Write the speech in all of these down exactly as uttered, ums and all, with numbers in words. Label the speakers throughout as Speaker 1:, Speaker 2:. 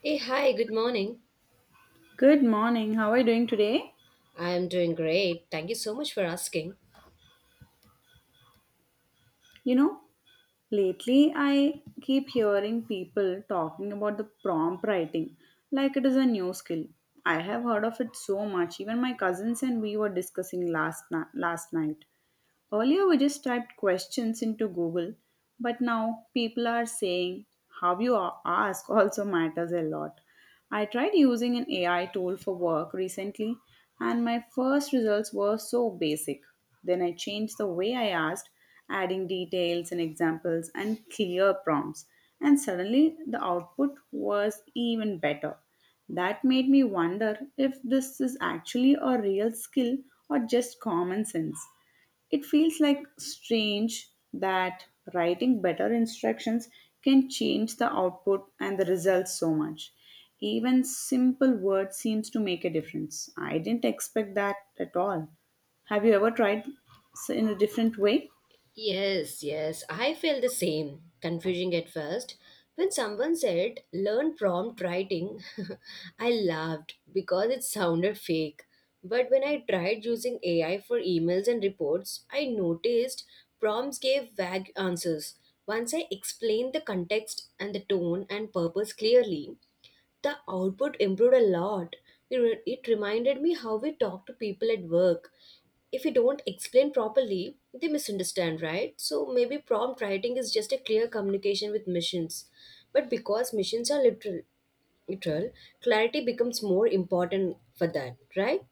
Speaker 1: Hey, hi, good morning.
Speaker 2: Good morning. How are you doing today?
Speaker 1: I'm doing great. Thank you so much for asking.
Speaker 2: You know, lately I keep hearing people talking about the prompt writing like it is a new skill. I have heard of it so much. Even my cousins and we were discussing last na- last night. Earlier, we just typed questions into Google, but now people are saying how you a- ask also matters a lot. I tried using an A I tool for work recently, and my first results were so basic. Then I changed the way I asked, adding details and examples and clear prompts, and suddenly the output was even better. That made me wonder if this is actually a real skill or just common sense. It feels like strange that writing better instructions can change the output and the results so much. Even simple words seems to make a difference. I didn't expect that at all. Have you ever tried s- in a different way?
Speaker 1: Yes, yes, I feel the same. Confusing at first. When someone said, learn prompt writing, I laughed because it sounded fake. But when I tried using A I for emails and reports, I noticed prompts gave vague answers. Once I explained the context and the tone and purpose clearly, the output improved a lot. It, re- it reminded me how we talk to people at work. If we don't explain properly, they misunderstand, right? So maybe prompt writing is just a clear communication with missions. But because missions are literal, literal clarity becomes more important for that, right?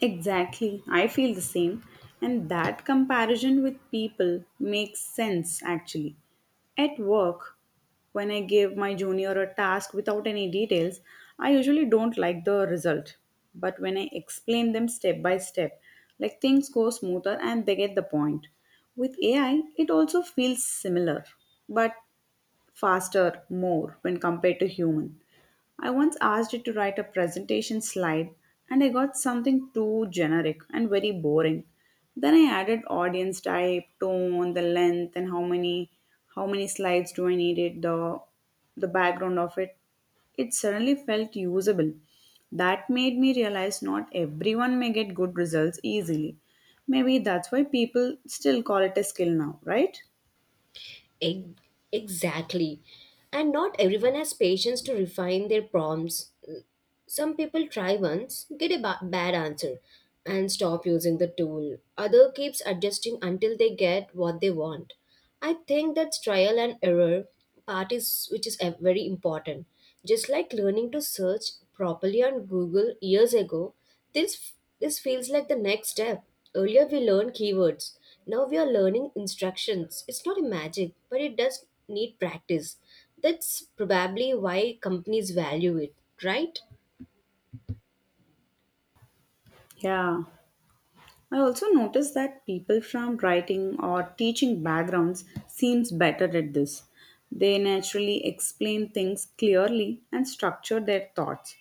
Speaker 2: Exactly. I feel the same. And that comparison with people makes sense actually. At work, when I give my junior a task without any details, I usually don't like the result. But when I explain them step by step, like things go smoother and they get the point. With A I, it also feels similar, but faster more when compared to human. I once asked it to write a presentation slide and I got something too generic and very boring. Then I added audience type, tone, the length and how many how many slides do I need it, the the background of it. It suddenly felt usable. That made me realize not everyone may get good results easily. Maybe that's why people still call it a skill now, right?
Speaker 1: Ex- Exactly. And not everyone has patience to refine their prompts. Some people try once, get a ba- bad answer, and stop using the tool. Other keeps adjusting until they get what they want. I think that's trial and error part is which is a- very important. Just like learning to search properly on Google years ago, this this feels like the next step. Earlier we learned keywords. Now we are learning instructions. It's not a magic, but it does need practice. That's probably why companies value it, right?
Speaker 2: Yeah. I also notice that people from writing or teaching backgrounds seems better at this. They naturally explain things clearly and structure their thoughts.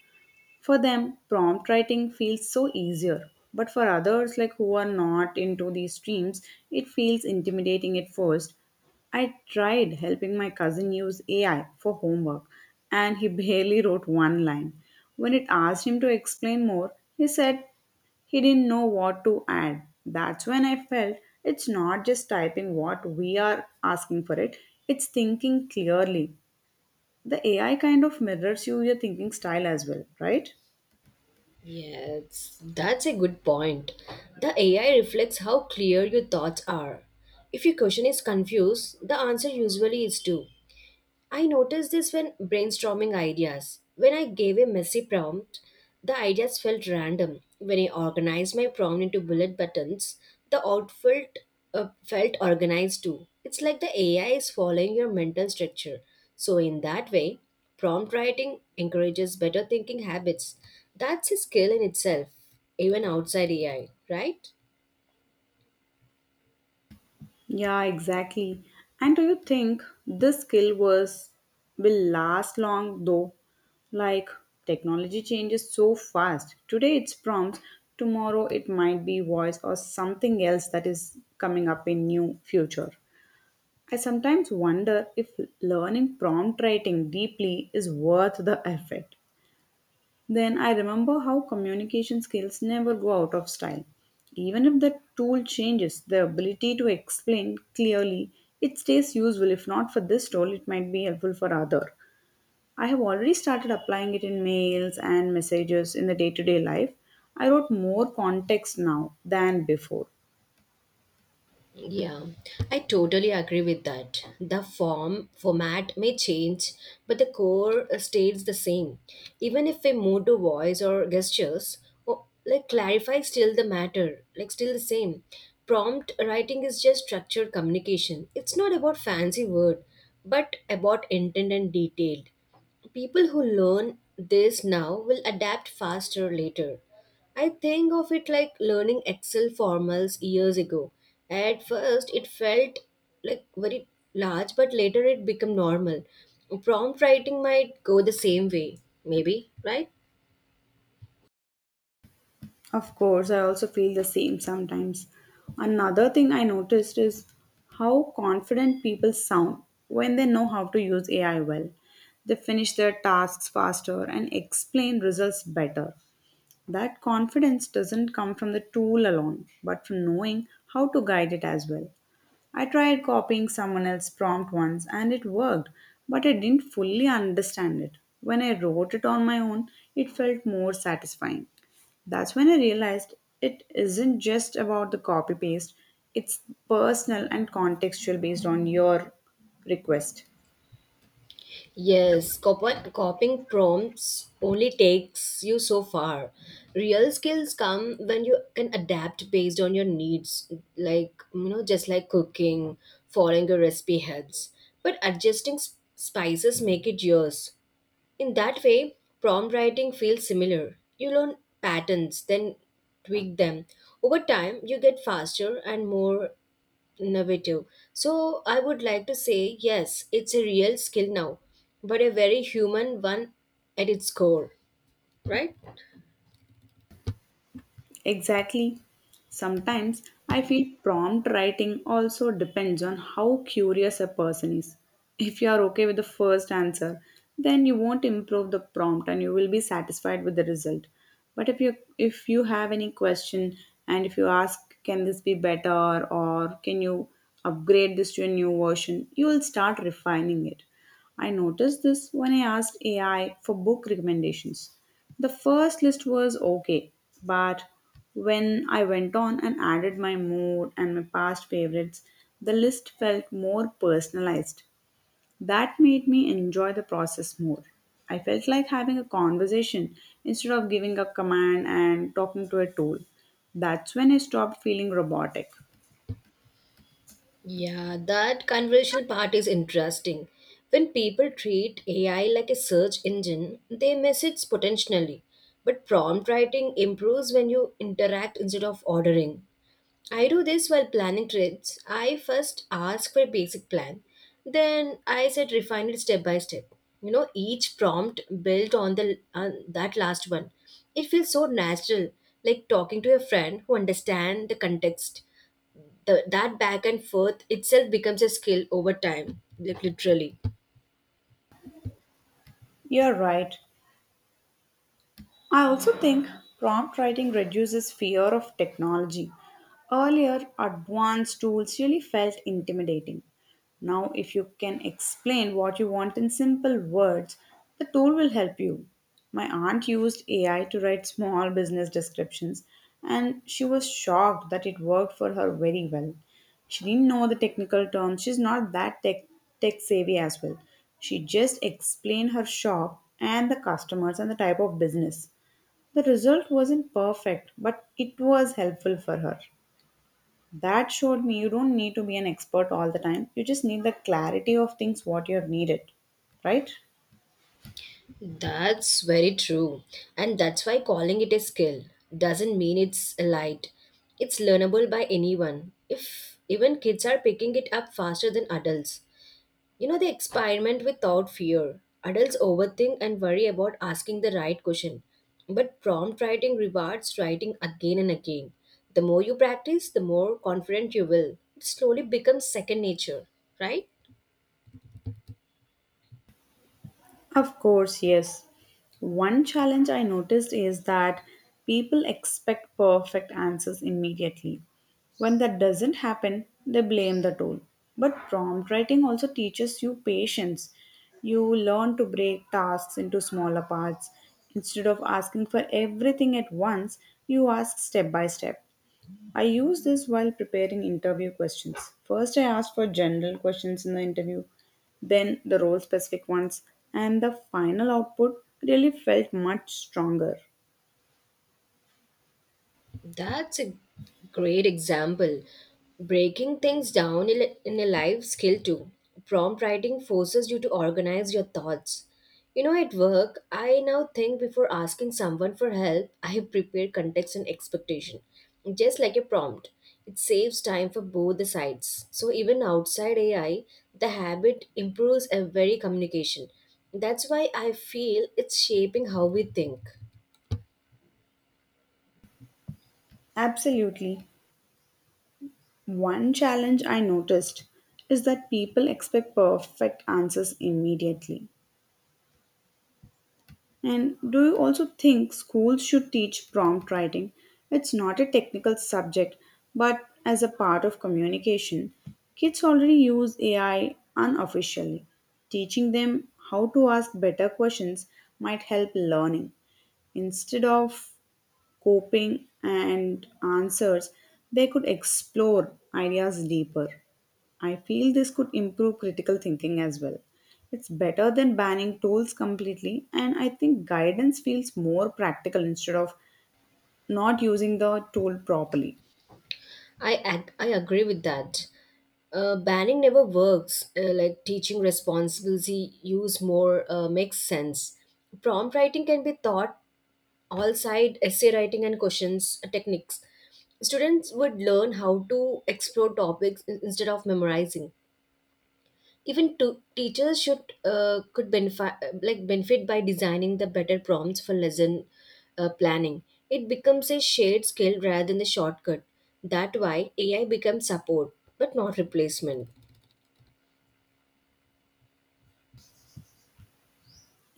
Speaker 2: For them, prompt writing feels so easier. But for others, like who are not into these streams, it feels intimidating at first. I tried helping my cousin use A I for homework, and he barely wrote one line. When it asked him to explain more, he said he didn't know what to add. That's when I felt it's not just typing what we are asking for it, it's thinking clearly. The A I kind of mirrors you, your thinking style as well, right?
Speaker 1: Yes, that's a good point. The A I reflects how clear your thoughts are. If your question is confused, the answer usually is too. I noticed this when brainstorming ideas. When I gave a messy prompt, the ideas felt random. When I organized my prompt into bullet buttons, the outfit uh, felt organized too. It's like the A I is following your mental structure. So, in that way, prompt writing encourages better thinking habits. That's a skill in itself, even outside A I, right?
Speaker 2: Yeah, exactly. And do you think this skill was will last long though? Like technology changes so fast. Today it's prompts, tomorrow it might be voice or something else that is coming up in new future. I sometimes wonder if learning prompt writing deeply is worth the effort. Then I remember how communication skills never go out of style. Even if the tool changes, the ability to explain clearly, it stays useful. If not for this tool, it might be helpful for other. I have already started applying it in mails and messages in the day-to-day life. I wrote more context now than before.
Speaker 1: Yeah, I totally agree with that. The form format may change, but the core uh, stays the same. Even if we move to voice or gestures, or like clarify still the matter, like still the same. Prompt writing is just structured communication. It's not about fancy word, but about intent and detail. People who learn this now will adapt faster later. I think of it like learning Excel formals years ago. At first, it felt like very large, but later it became normal. Prompt writing might go the same way, maybe, right?
Speaker 2: Of course, I also feel the same sometimes. Another thing I noticed is how confident people sound when they know how to use A I well. They finish their tasks faster and explain results better. That confidence doesn't come from the tool alone, but from knowing how to guide it as well. I tried copying someone else's prompt once and it worked, but I didn't fully understand it. When I wrote it on my own, it felt more satisfying. That's when I realized it isn't just about the copy paste, it's personal and contextual based on your request.
Speaker 1: Yes, cop- copying prompts only takes you so far. Real skills come when you can adapt based on your needs, like, you know, just like cooking, following your recipe helps. But adjusting sp- spices make it yours. In that way, prompt writing feels similar. You learn patterns, then tweak them. Over time, you get faster and more innovative. So I would like to say, yes, it's a real skill now, but a very human one at its core, right?
Speaker 2: Exactly. Sometimes I feel prompt writing also depends on how curious a person is. If you are okay with the first answer, then you won't improve the prompt and you will be satisfied with the result. But if you if you have any question and if you ask can this be better or can you upgrade this to a new version, you will start refining it. I noticed this when I asked A I for book recommendations. The first list was okay, but when I went on and added my mood and my past favorites, the list felt more personalized. That made me enjoy the process more. I felt like having a conversation instead of giving a command and talking to a tool. That's when I stopped feeling robotic.
Speaker 1: Yeah, that conversational part is interesting. When people treat A I like a search engine, they miss its potentially. But prompt writing improves when you interact instead of ordering. I do this while planning trips. I first ask for a basic plan, then I said refine it step by step. You know, each prompt built on the on that last one. It feels so natural, like talking to a friend who understands the context. The, that back and forth itself becomes a skill over time, like literally.
Speaker 2: You're right. I also think prompt writing reduces fear of technology. Earlier, advanced tools really felt intimidating. Now, if you can explain what you want in simple words, the tool will help you. My aunt used A I to write small business descriptions, and she was shocked that it worked for her very well. She didn't know the technical terms. She's not that tech tech savvy as well. She just explained her shop and the customers and the type of business. The result wasn't perfect, but it was helpful for her. That showed me you don't need to be an expert all the time. You just need the clarity of things what you have needed, right?
Speaker 1: That's very true. And that's why calling it a skill doesn't mean it's light. It's learnable by anyone. If even kids are picking it up faster than adults. You know, they experiment without fear. Adults overthink and worry about asking the right question. But prompt writing rewards writing again and again. The more you practice, the more confident you will. It slowly becomes second nature, right?
Speaker 2: Of course, yes. One challenge I noticed is that people expect perfect answers immediately. When that doesn't happen, they blame the tool. But prompt writing also teaches you patience. You learn to break tasks into smaller parts. Instead of asking for everything at once, you ask step by step. I use this while preparing interview questions. First, I ask for general questions in the interview, then the role specific ones, and the final output really felt much stronger.
Speaker 1: That's a great example. Breaking things down in in a live skill too. Prompt writing forces you to organize your thoughts. You know, at work, I now think before asking someone for help, I prepare context and expectation, just like a prompt. It saves time for both the sides. So even outside A I, the habit improves every communication. That's why I feel it's shaping how we think.
Speaker 2: Absolutely. One challenge I noticed is that people expect perfect answers immediately. And do you also think schools should teach prompt writing? It's not a technical subject, but as a part of communication. Kids already use A I unofficially. Teaching them how to ask better questions might help learning instead of coping, and answers, they could explore ideas deeper. I feel this could improve critical thinking as well. It's better than banning tools completely, and I think guidance feels more practical instead of not using the tool properly.
Speaker 1: I ag- I agree with that. Uh, banning never works. Uh, like teaching responsibility, use more uh, makes sense. Prompt writing can be taught all side essay writing and questions uh, techniques. Students would learn how to explore topics in- instead of memorizing. Even to, teachers should uh, could benefit uh, like benefit by designing the better prompts for lesson uh, planning. It becomes a shared skill rather than a shortcut. That why A I becomes support but not replacement.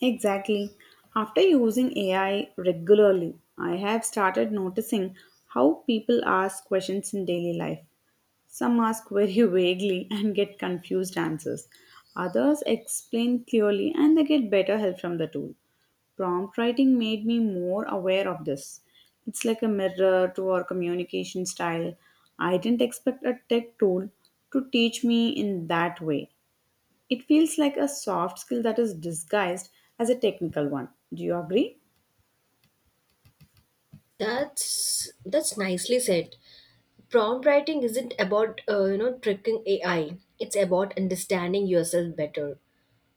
Speaker 2: Exactly. After using A I regularly, I have started noticing how people ask questions in daily life. Some ask very vaguely and get confused answers. Others explain clearly and they get better help from the tool. Prompt writing made me more aware of this. It's like a mirror to our communication style. I didn't expect a tech tool to teach me in that way. It feels like a soft skill that is disguised as a technical one. Do you agree?
Speaker 1: That's that's nicely said. Prompt writing isn't about uh, you know tricking A I. It's about understanding yourself better.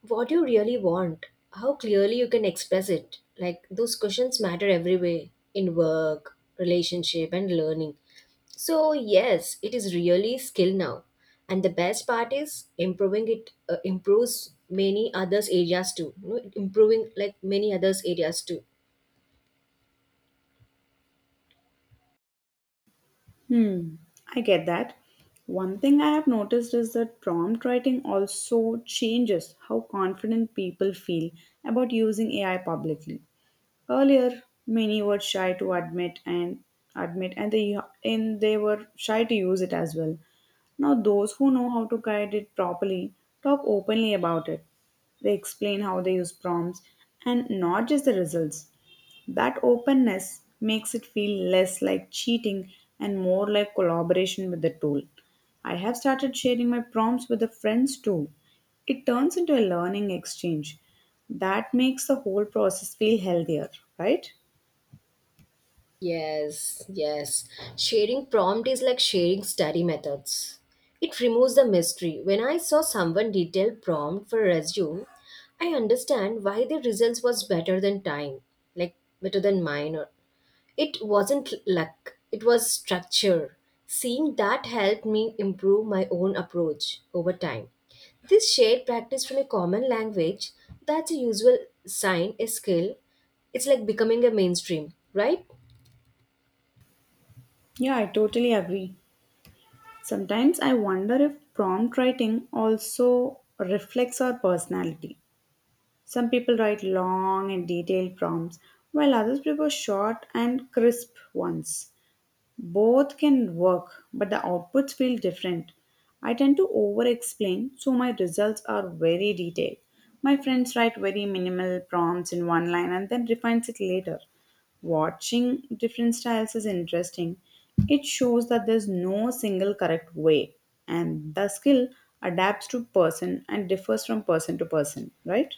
Speaker 1: What you really want, how clearly you can express it. Like those questions matter every way in work, relationship, and learning. So yes, it is really skill now, and the best part is improving it uh, improves many others areas too. You know, improving like many others areas too.
Speaker 2: Hmm, I get that. One thing I have noticed is that prompt writing also changes how confident people feel about using A I publicly. Earlier, many were shy to admit and admit and they and they were shy to use it as well. Now, those who know how to guide it properly talk openly about it. They explain how they use prompts and not just the results. That openness makes it feel less like cheating and more like collaboration with the tool. I have started sharing my prompts with the friends too. It turns into a learning exchange. That makes the whole process feel healthier, right?
Speaker 1: Yes, yes. Sharing prompt is like sharing study methods. It removes the mystery. When I saw someone detailed prompt for resume, I understand why the results was better than time, like better than mine. Or it wasn't luck. It was structure. Seeing that helped me improve my own approach over time. This shared practice from a common language, that's a usual sign, a skill. It's like becoming a mainstream, right?
Speaker 2: Yeah, I totally agree. Sometimes I wonder if prompt writing also reflects our personality. Some people write long and detailed prompts, while others prefer short and crisp ones. Both can work, but the outputs feel different. I tend to over explain, so my results are very detailed. My friends write very minimal prompts in one line and then refines it later. Watching different styles is interesting. It shows that there's no single correct way, and the skill adapts to person and differs from person to person, right?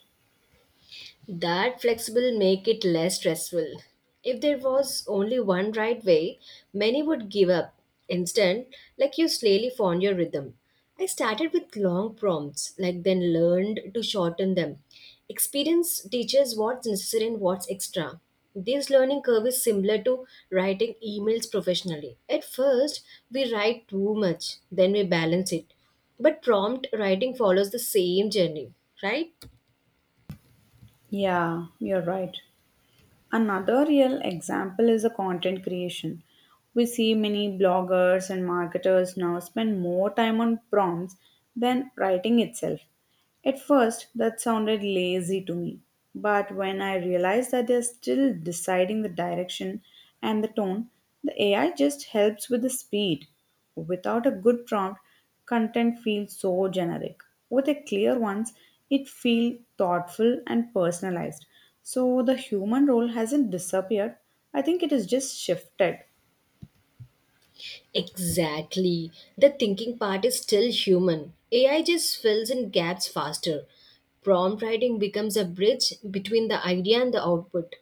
Speaker 1: That flexible make it less stressful. If there was only one right way, many would give up. Instead, like you slowly found your rhythm. I started with long prompts, like then learned to shorten them. Experience teaches what's necessary and what's extra. This learning curve is similar to writing emails professionally. At first, we write too much, then we balance it. But prompt writing follows the same journey, right?
Speaker 2: Yeah, you're right. Another real example is the content creation. We see many bloggers and marketers now spend more time on prompts than writing itself. At first, that sounded lazy to me, but when I realized that they're still deciding the direction and the tone, the A I just helps with the speed. Without a good prompt, content feels so generic. With a clear ones, it feels thoughtful and personalized. So the human role hasn't disappeared. I think it is just shifted.
Speaker 1: Exactly. The thinking part is still human. A I just fills in gaps faster. Prompt writing becomes a bridge between the idea and the output.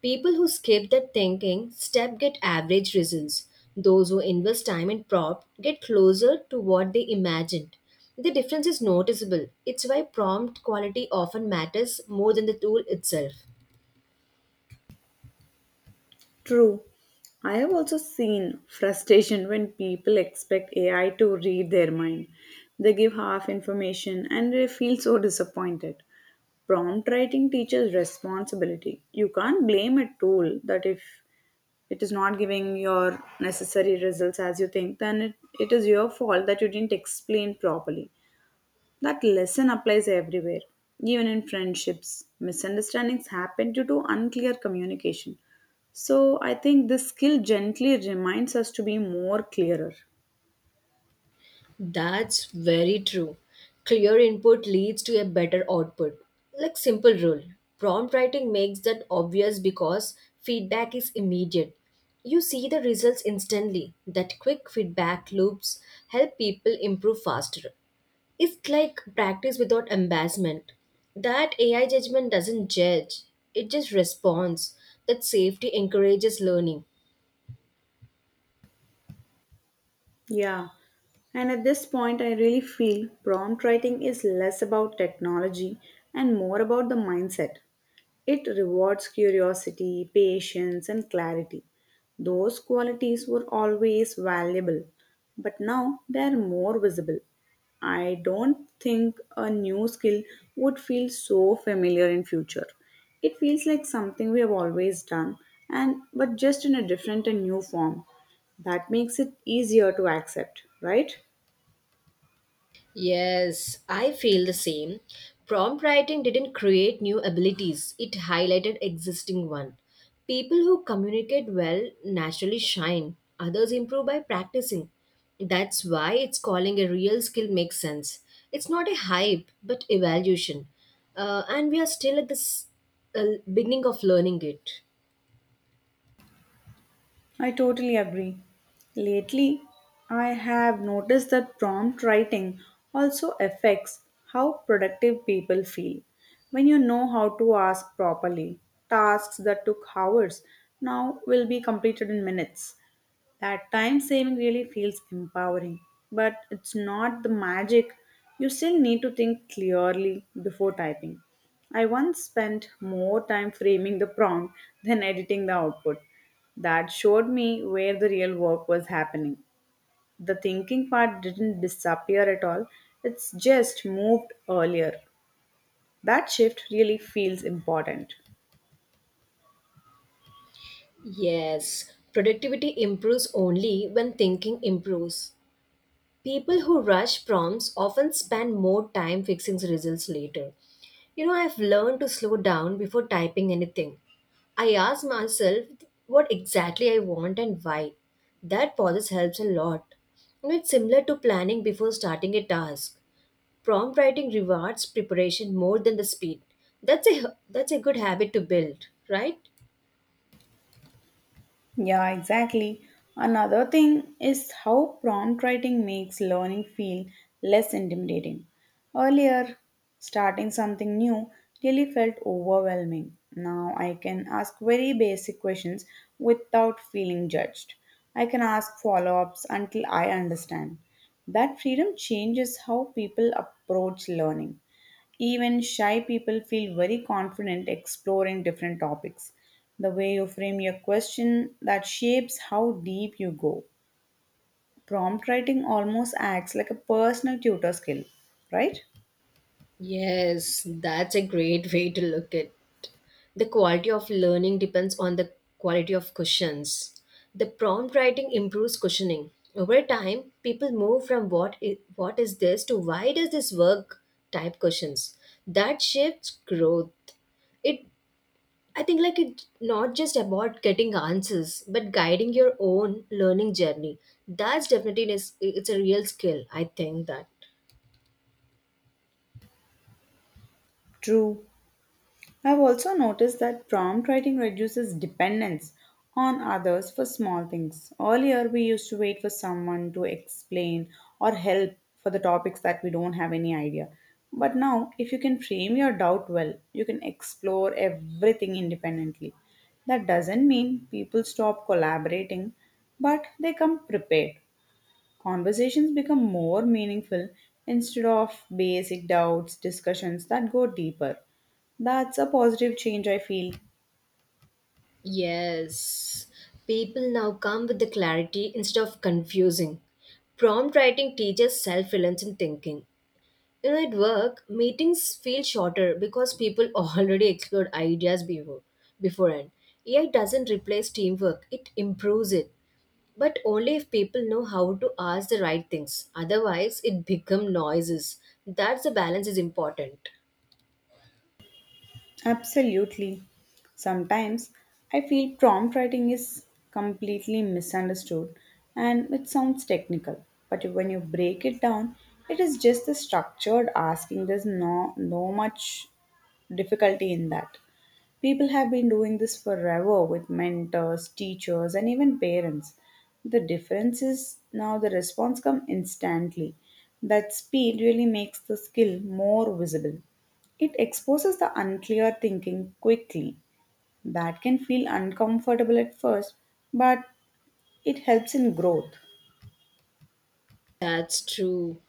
Speaker 1: People who skip that thinking step get average results. Those who invest time in prompt get closer to what they imagined. The difference is noticeable. It's why prompt quality often matters more than the tool itself.
Speaker 2: True. I have also seen frustration when people expect A I to read their mind. They give half information and they feel so disappointed. Prompt writing teaches responsibility. You can't blame a tool that if it is not giving your necessary results as you think, then it, it is your fault that you didn't explain properly. That lesson applies everywhere, even in friendships. Misunderstandings happen due to unclear communication. So I think this skill gently reminds us to be more clearer.
Speaker 1: That's very true. Clear input leads to a better output. Like simple rule. Prompt writing makes that obvious because feedback is immediate. You see the results instantly. That quick feedback loops help people improve faster. It's like practice without embarrassment. That A I judgment doesn't judge, it just responds. That safety encourages learning.
Speaker 2: Yeah. And at this point, I really feel prompt writing is less about technology and more about the mindset. It rewards curiosity, patience, and clarity. Those qualities were always valuable, but now they are more visible. I don't think a new skill would feel so familiar in future. It feels like something we have always done and but just in a different and new form. That makes it easier to accept, right?
Speaker 1: Yes, I feel the same. Prompt writing didn't create new abilities, it highlighted existing one. People who communicate well naturally shine, others improve by practicing. That's why it's calling a real skill makes sense. It's not a hype, but evaluation. Uh, and we are still at this uh, beginning of learning it.
Speaker 2: I totally agree. Lately, I have noticed that prompt writing also affects how productive people feel. When you know how to ask properly, tasks that took hours now will be completed in minutes. That time saving really feels empowering, but it's not the magic. You still need to think clearly before typing. I once spent more time framing the prompt than editing the output. That showed me where the real work was happening. The thinking part didn't disappear at all, it's just moved earlier. That shift really feels important.
Speaker 1: Yes, productivity improves only when thinking improves. People who rush prompts often spend more time fixing results later. You know, I've learned to slow down before typing anything. I ask myself what exactly I want and why. That process helps a lot. You know, it's similar to planning before starting a task. Prompt writing rewards preparation more than the speed. That's a that's a good habit to build, right?
Speaker 2: Yeah, exactly. Another thing is how prompt writing makes learning feel less intimidating. Earlier, starting something new really felt overwhelming. Now I can ask very basic questions without feeling judged. I can ask follow ups until I understand. That freedom changes how people approach learning. Even shy people feel very confident exploring different topics. The way you frame your question that shapes how deep you go. Prompt writing almost acts like a personal tutor skill, right?
Speaker 1: Yes, that's a great way to look at. The quality of learning depends on the quality of questions. The prompt writing improves cushioning. Over time, people move from what is, what is this to why does this work type questions. That shifts growth. It I think like it's not just about getting answers but guiding your own learning journey. That's definitely is it's a real skill. I think that.
Speaker 2: True. I've also noticed that prompt writing reduces dependence on others for small things. Earlier, we used to wait for someone to explain or help for the topics that we don't have any idea. But now, if you can frame your doubt well, you can explore everything independently. That doesn't mean people stop collaborating, but they come prepared. Conversations become more meaningful instead of basic doubts, discussions that go deeper. That's a positive change, I feel.
Speaker 1: Yes, people now come with the clarity instead of confusing. Prompt writing teaches self reliance and thinking. You know, at work, meetings feel shorter because people already explored ideas before beforehand. A I doesn't replace teamwork, it improves it. But only if people know how to ask the right things. Otherwise, it becomes noises. That's the balance is important.
Speaker 2: Absolutely. Sometimes I feel prompt writing is completely misunderstood and it sounds technical, but when you break it down, it is just the structured asking. There's no, no much difficulty in that. People have been doing this forever with mentors, teachers, and even parents. The difference is now the response comes instantly. That speed really makes the skill more visible. It exposes the unclear thinking quickly. That can feel uncomfortable at first, but it helps in growth.
Speaker 1: That's true.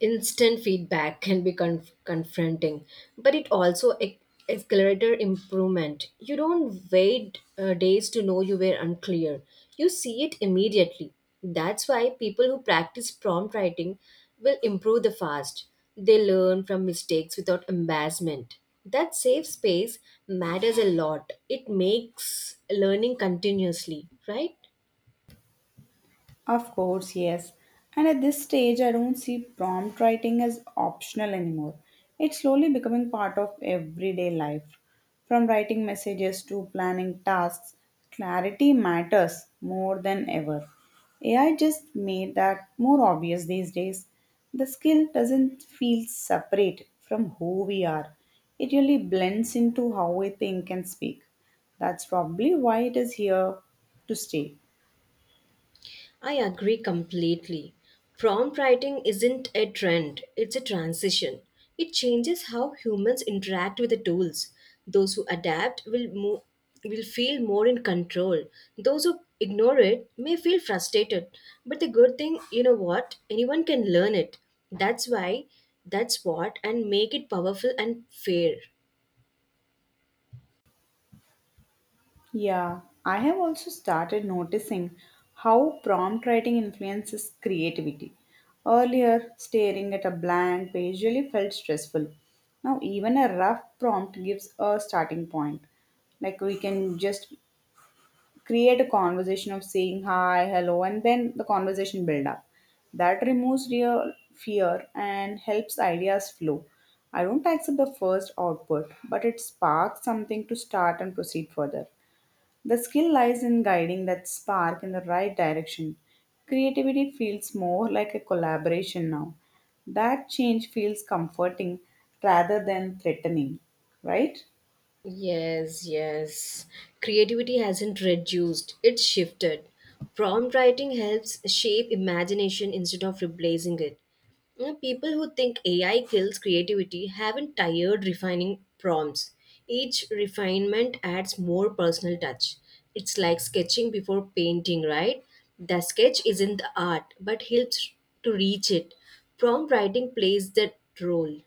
Speaker 1: Instant feedback can be conf- confronting, but it also ac- accelerates improvement. You don't wait uh, days to know you were unclear. You see it immediately. That's why people who practice prompt writing will improve the fast. They learn from mistakes without embarrassment. That safe space matters a lot. It makes learning continuously, right?
Speaker 2: Of course, yes. And at this stage, I don't see prompt writing as optional anymore. It's slowly becoming part of everyday life. From writing messages to planning tasks, clarity matters more than ever. A I just made that more obvious these days. The skill doesn't feel separate from who we are, it really blends into how we think and speak. That's probably why it is here to stay.
Speaker 1: I agree completely. Prompt writing isn't a trend, it's a transition. It changes how humans interact with the tools. Those who adapt will mo- will feel more in control. Those who ignore it may feel frustrated. But the good thing, you know what? Anyone can learn it. That's why that's what and make it powerful and fair.
Speaker 2: Yeah, I have also started noticing how prompt writing influences creativity. Earlier, staring at a blank page really felt stressful. Now, even a rough prompt gives a starting point. Like we can just create a conversation of saying hi, hello, and then the conversation build up. That removes real fear and helps ideas flow. I don't accept the first output, but it sparks something to start and proceed further. The skill lies in guiding that spark in the right direction. Creativity feels more like a collaboration now. That change feels comforting rather than threatening, right?
Speaker 1: Yes, yes. Creativity hasn't reduced, it's shifted. Prompt writing helps shape imagination instead of replacing it. You know, people who think A I kills creativity haven't tired refining prompts. Each refinement adds more personal touch. It's like sketching before painting, right? The sketch isn't the art, but helps to reach it. Prompt writing plays that role.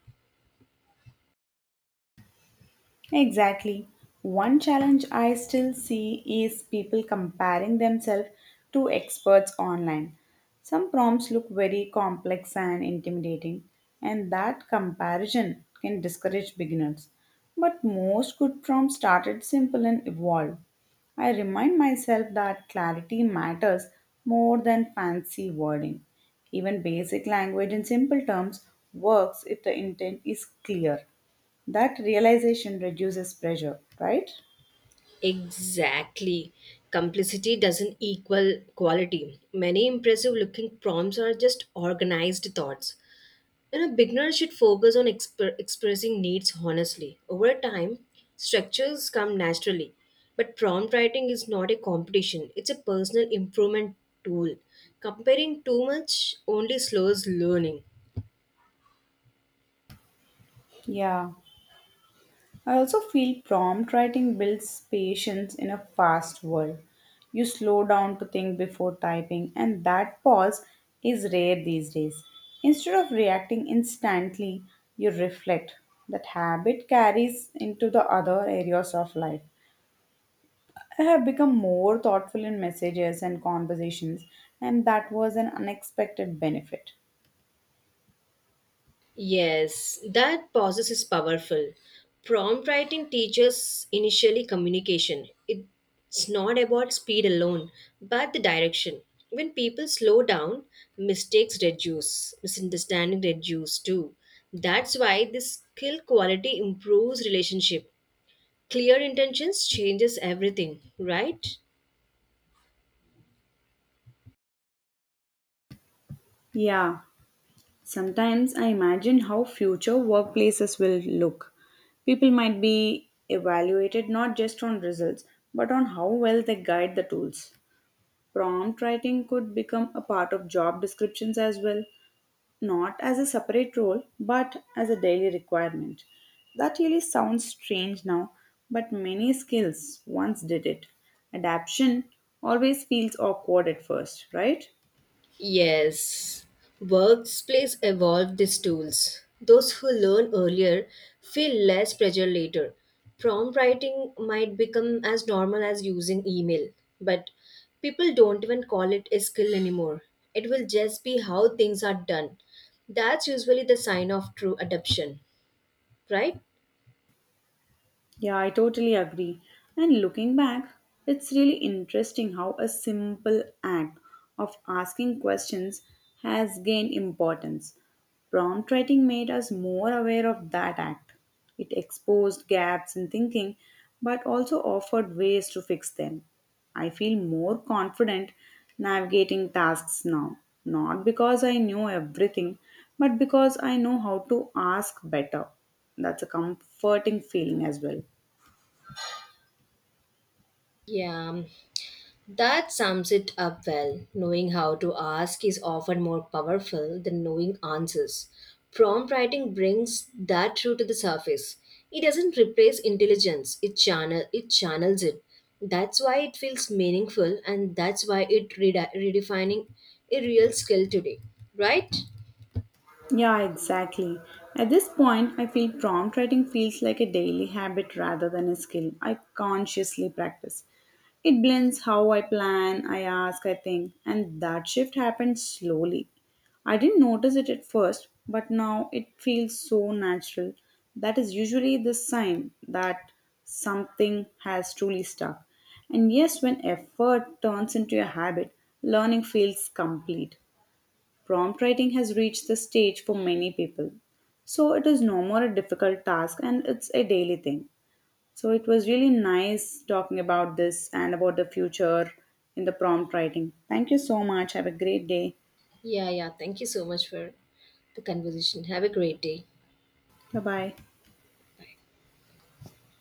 Speaker 2: Exactly. One challenge I still see is people comparing themselves to experts online. Some prompts look very complex and intimidating, and that comparison can discourage beginners. But most good prompts started simple and evolved. I remind myself that clarity matters more than fancy wording. Even basic language in simple terms works if the intent is clear. That realization reduces pressure, right?
Speaker 1: Exactly. Complicity doesn't equal quality. Many impressive looking prompts are just organized thoughts. You know, beginners should focus on exp- expressing needs honestly. Over time, structures come naturally. But prompt writing is not a competition, it's a personal improvement tool. Comparing too much only slows learning.
Speaker 2: Yeah. I also feel prompt writing builds patience in a fast world. You slow down to think before typing, and that pause is rare these days. Instead of reacting instantly, you reflect. That habit carries into the other areas of life. I have become more thoughtful in messages and conversations, and that was an unexpected benefit.
Speaker 1: Yes, that process is powerful. Prompt writing teaches initially communication. It's not about speed alone, but the direction. When people slow down, mistakes reduce, misunderstanding reduce too. That's why this skill quality improves relationship. Clear intentions changes everything, right?
Speaker 2: Yeah. Sometimes I imagine how future workplaces will look. People might be evaluated not just on results, but on how well they guide the tools. Prompt writing could become a part of job descriptions as well, not as a separate role, but as a daily requirement. That really sounds strange now, but many skills once did it. Adaption always feels awkward at first, right?
Speaker 1: Yes, workplace evolve these tools. Those who learn earlier feel less pressure later. Prompt writing might become as normal as using email, but people don't even call it a skill anymore. It will just be how things are done. That's usually the sign of true adoption, right?
Speaker 2: Yeah, I totally agree. And looking back, it's really interesting how a simple act of asking questions has gained importance. Prompt writing made us more aware of that act. It exposed gaps in thinking but also offered ways to fix them. I feel more confident navigating tasks now, not because I know everything, but because I know how to ask better. That's a comforting feeling as well.
Speaker 1: Yeah. That sums it up well. Knowing how to ask is often more powerful than knowing answers. Prompt writing brings that true to the surface. It doesn't replace intelligence, it channel it channels it. That's why it feels meaningful and that's why it redi- redefining a real skill today. Right?
Speaker 2: Yeah, exactly. At this point, I feel prompt writing feels like a daily habit rather than a skill I consciously practice. It blends how I plan, I ask, I think, and that shift happens slowly. I didn't notice it at first, but now it feels so natural. That is usually the sign that something has truly stuck. And yes, when effort turns into a habit, learning feels complete. Prompt writing has reached the stage for many people. So it is no more a difficult task and it's a daily thing. So it was really nice talking about this and about the future in the prompt writing. Thank you so much. Have a great day.
Speaker 1: Yeah, yeah. Thank you so much for the conversation. Have a great day.
Speaker 2: Bye bye.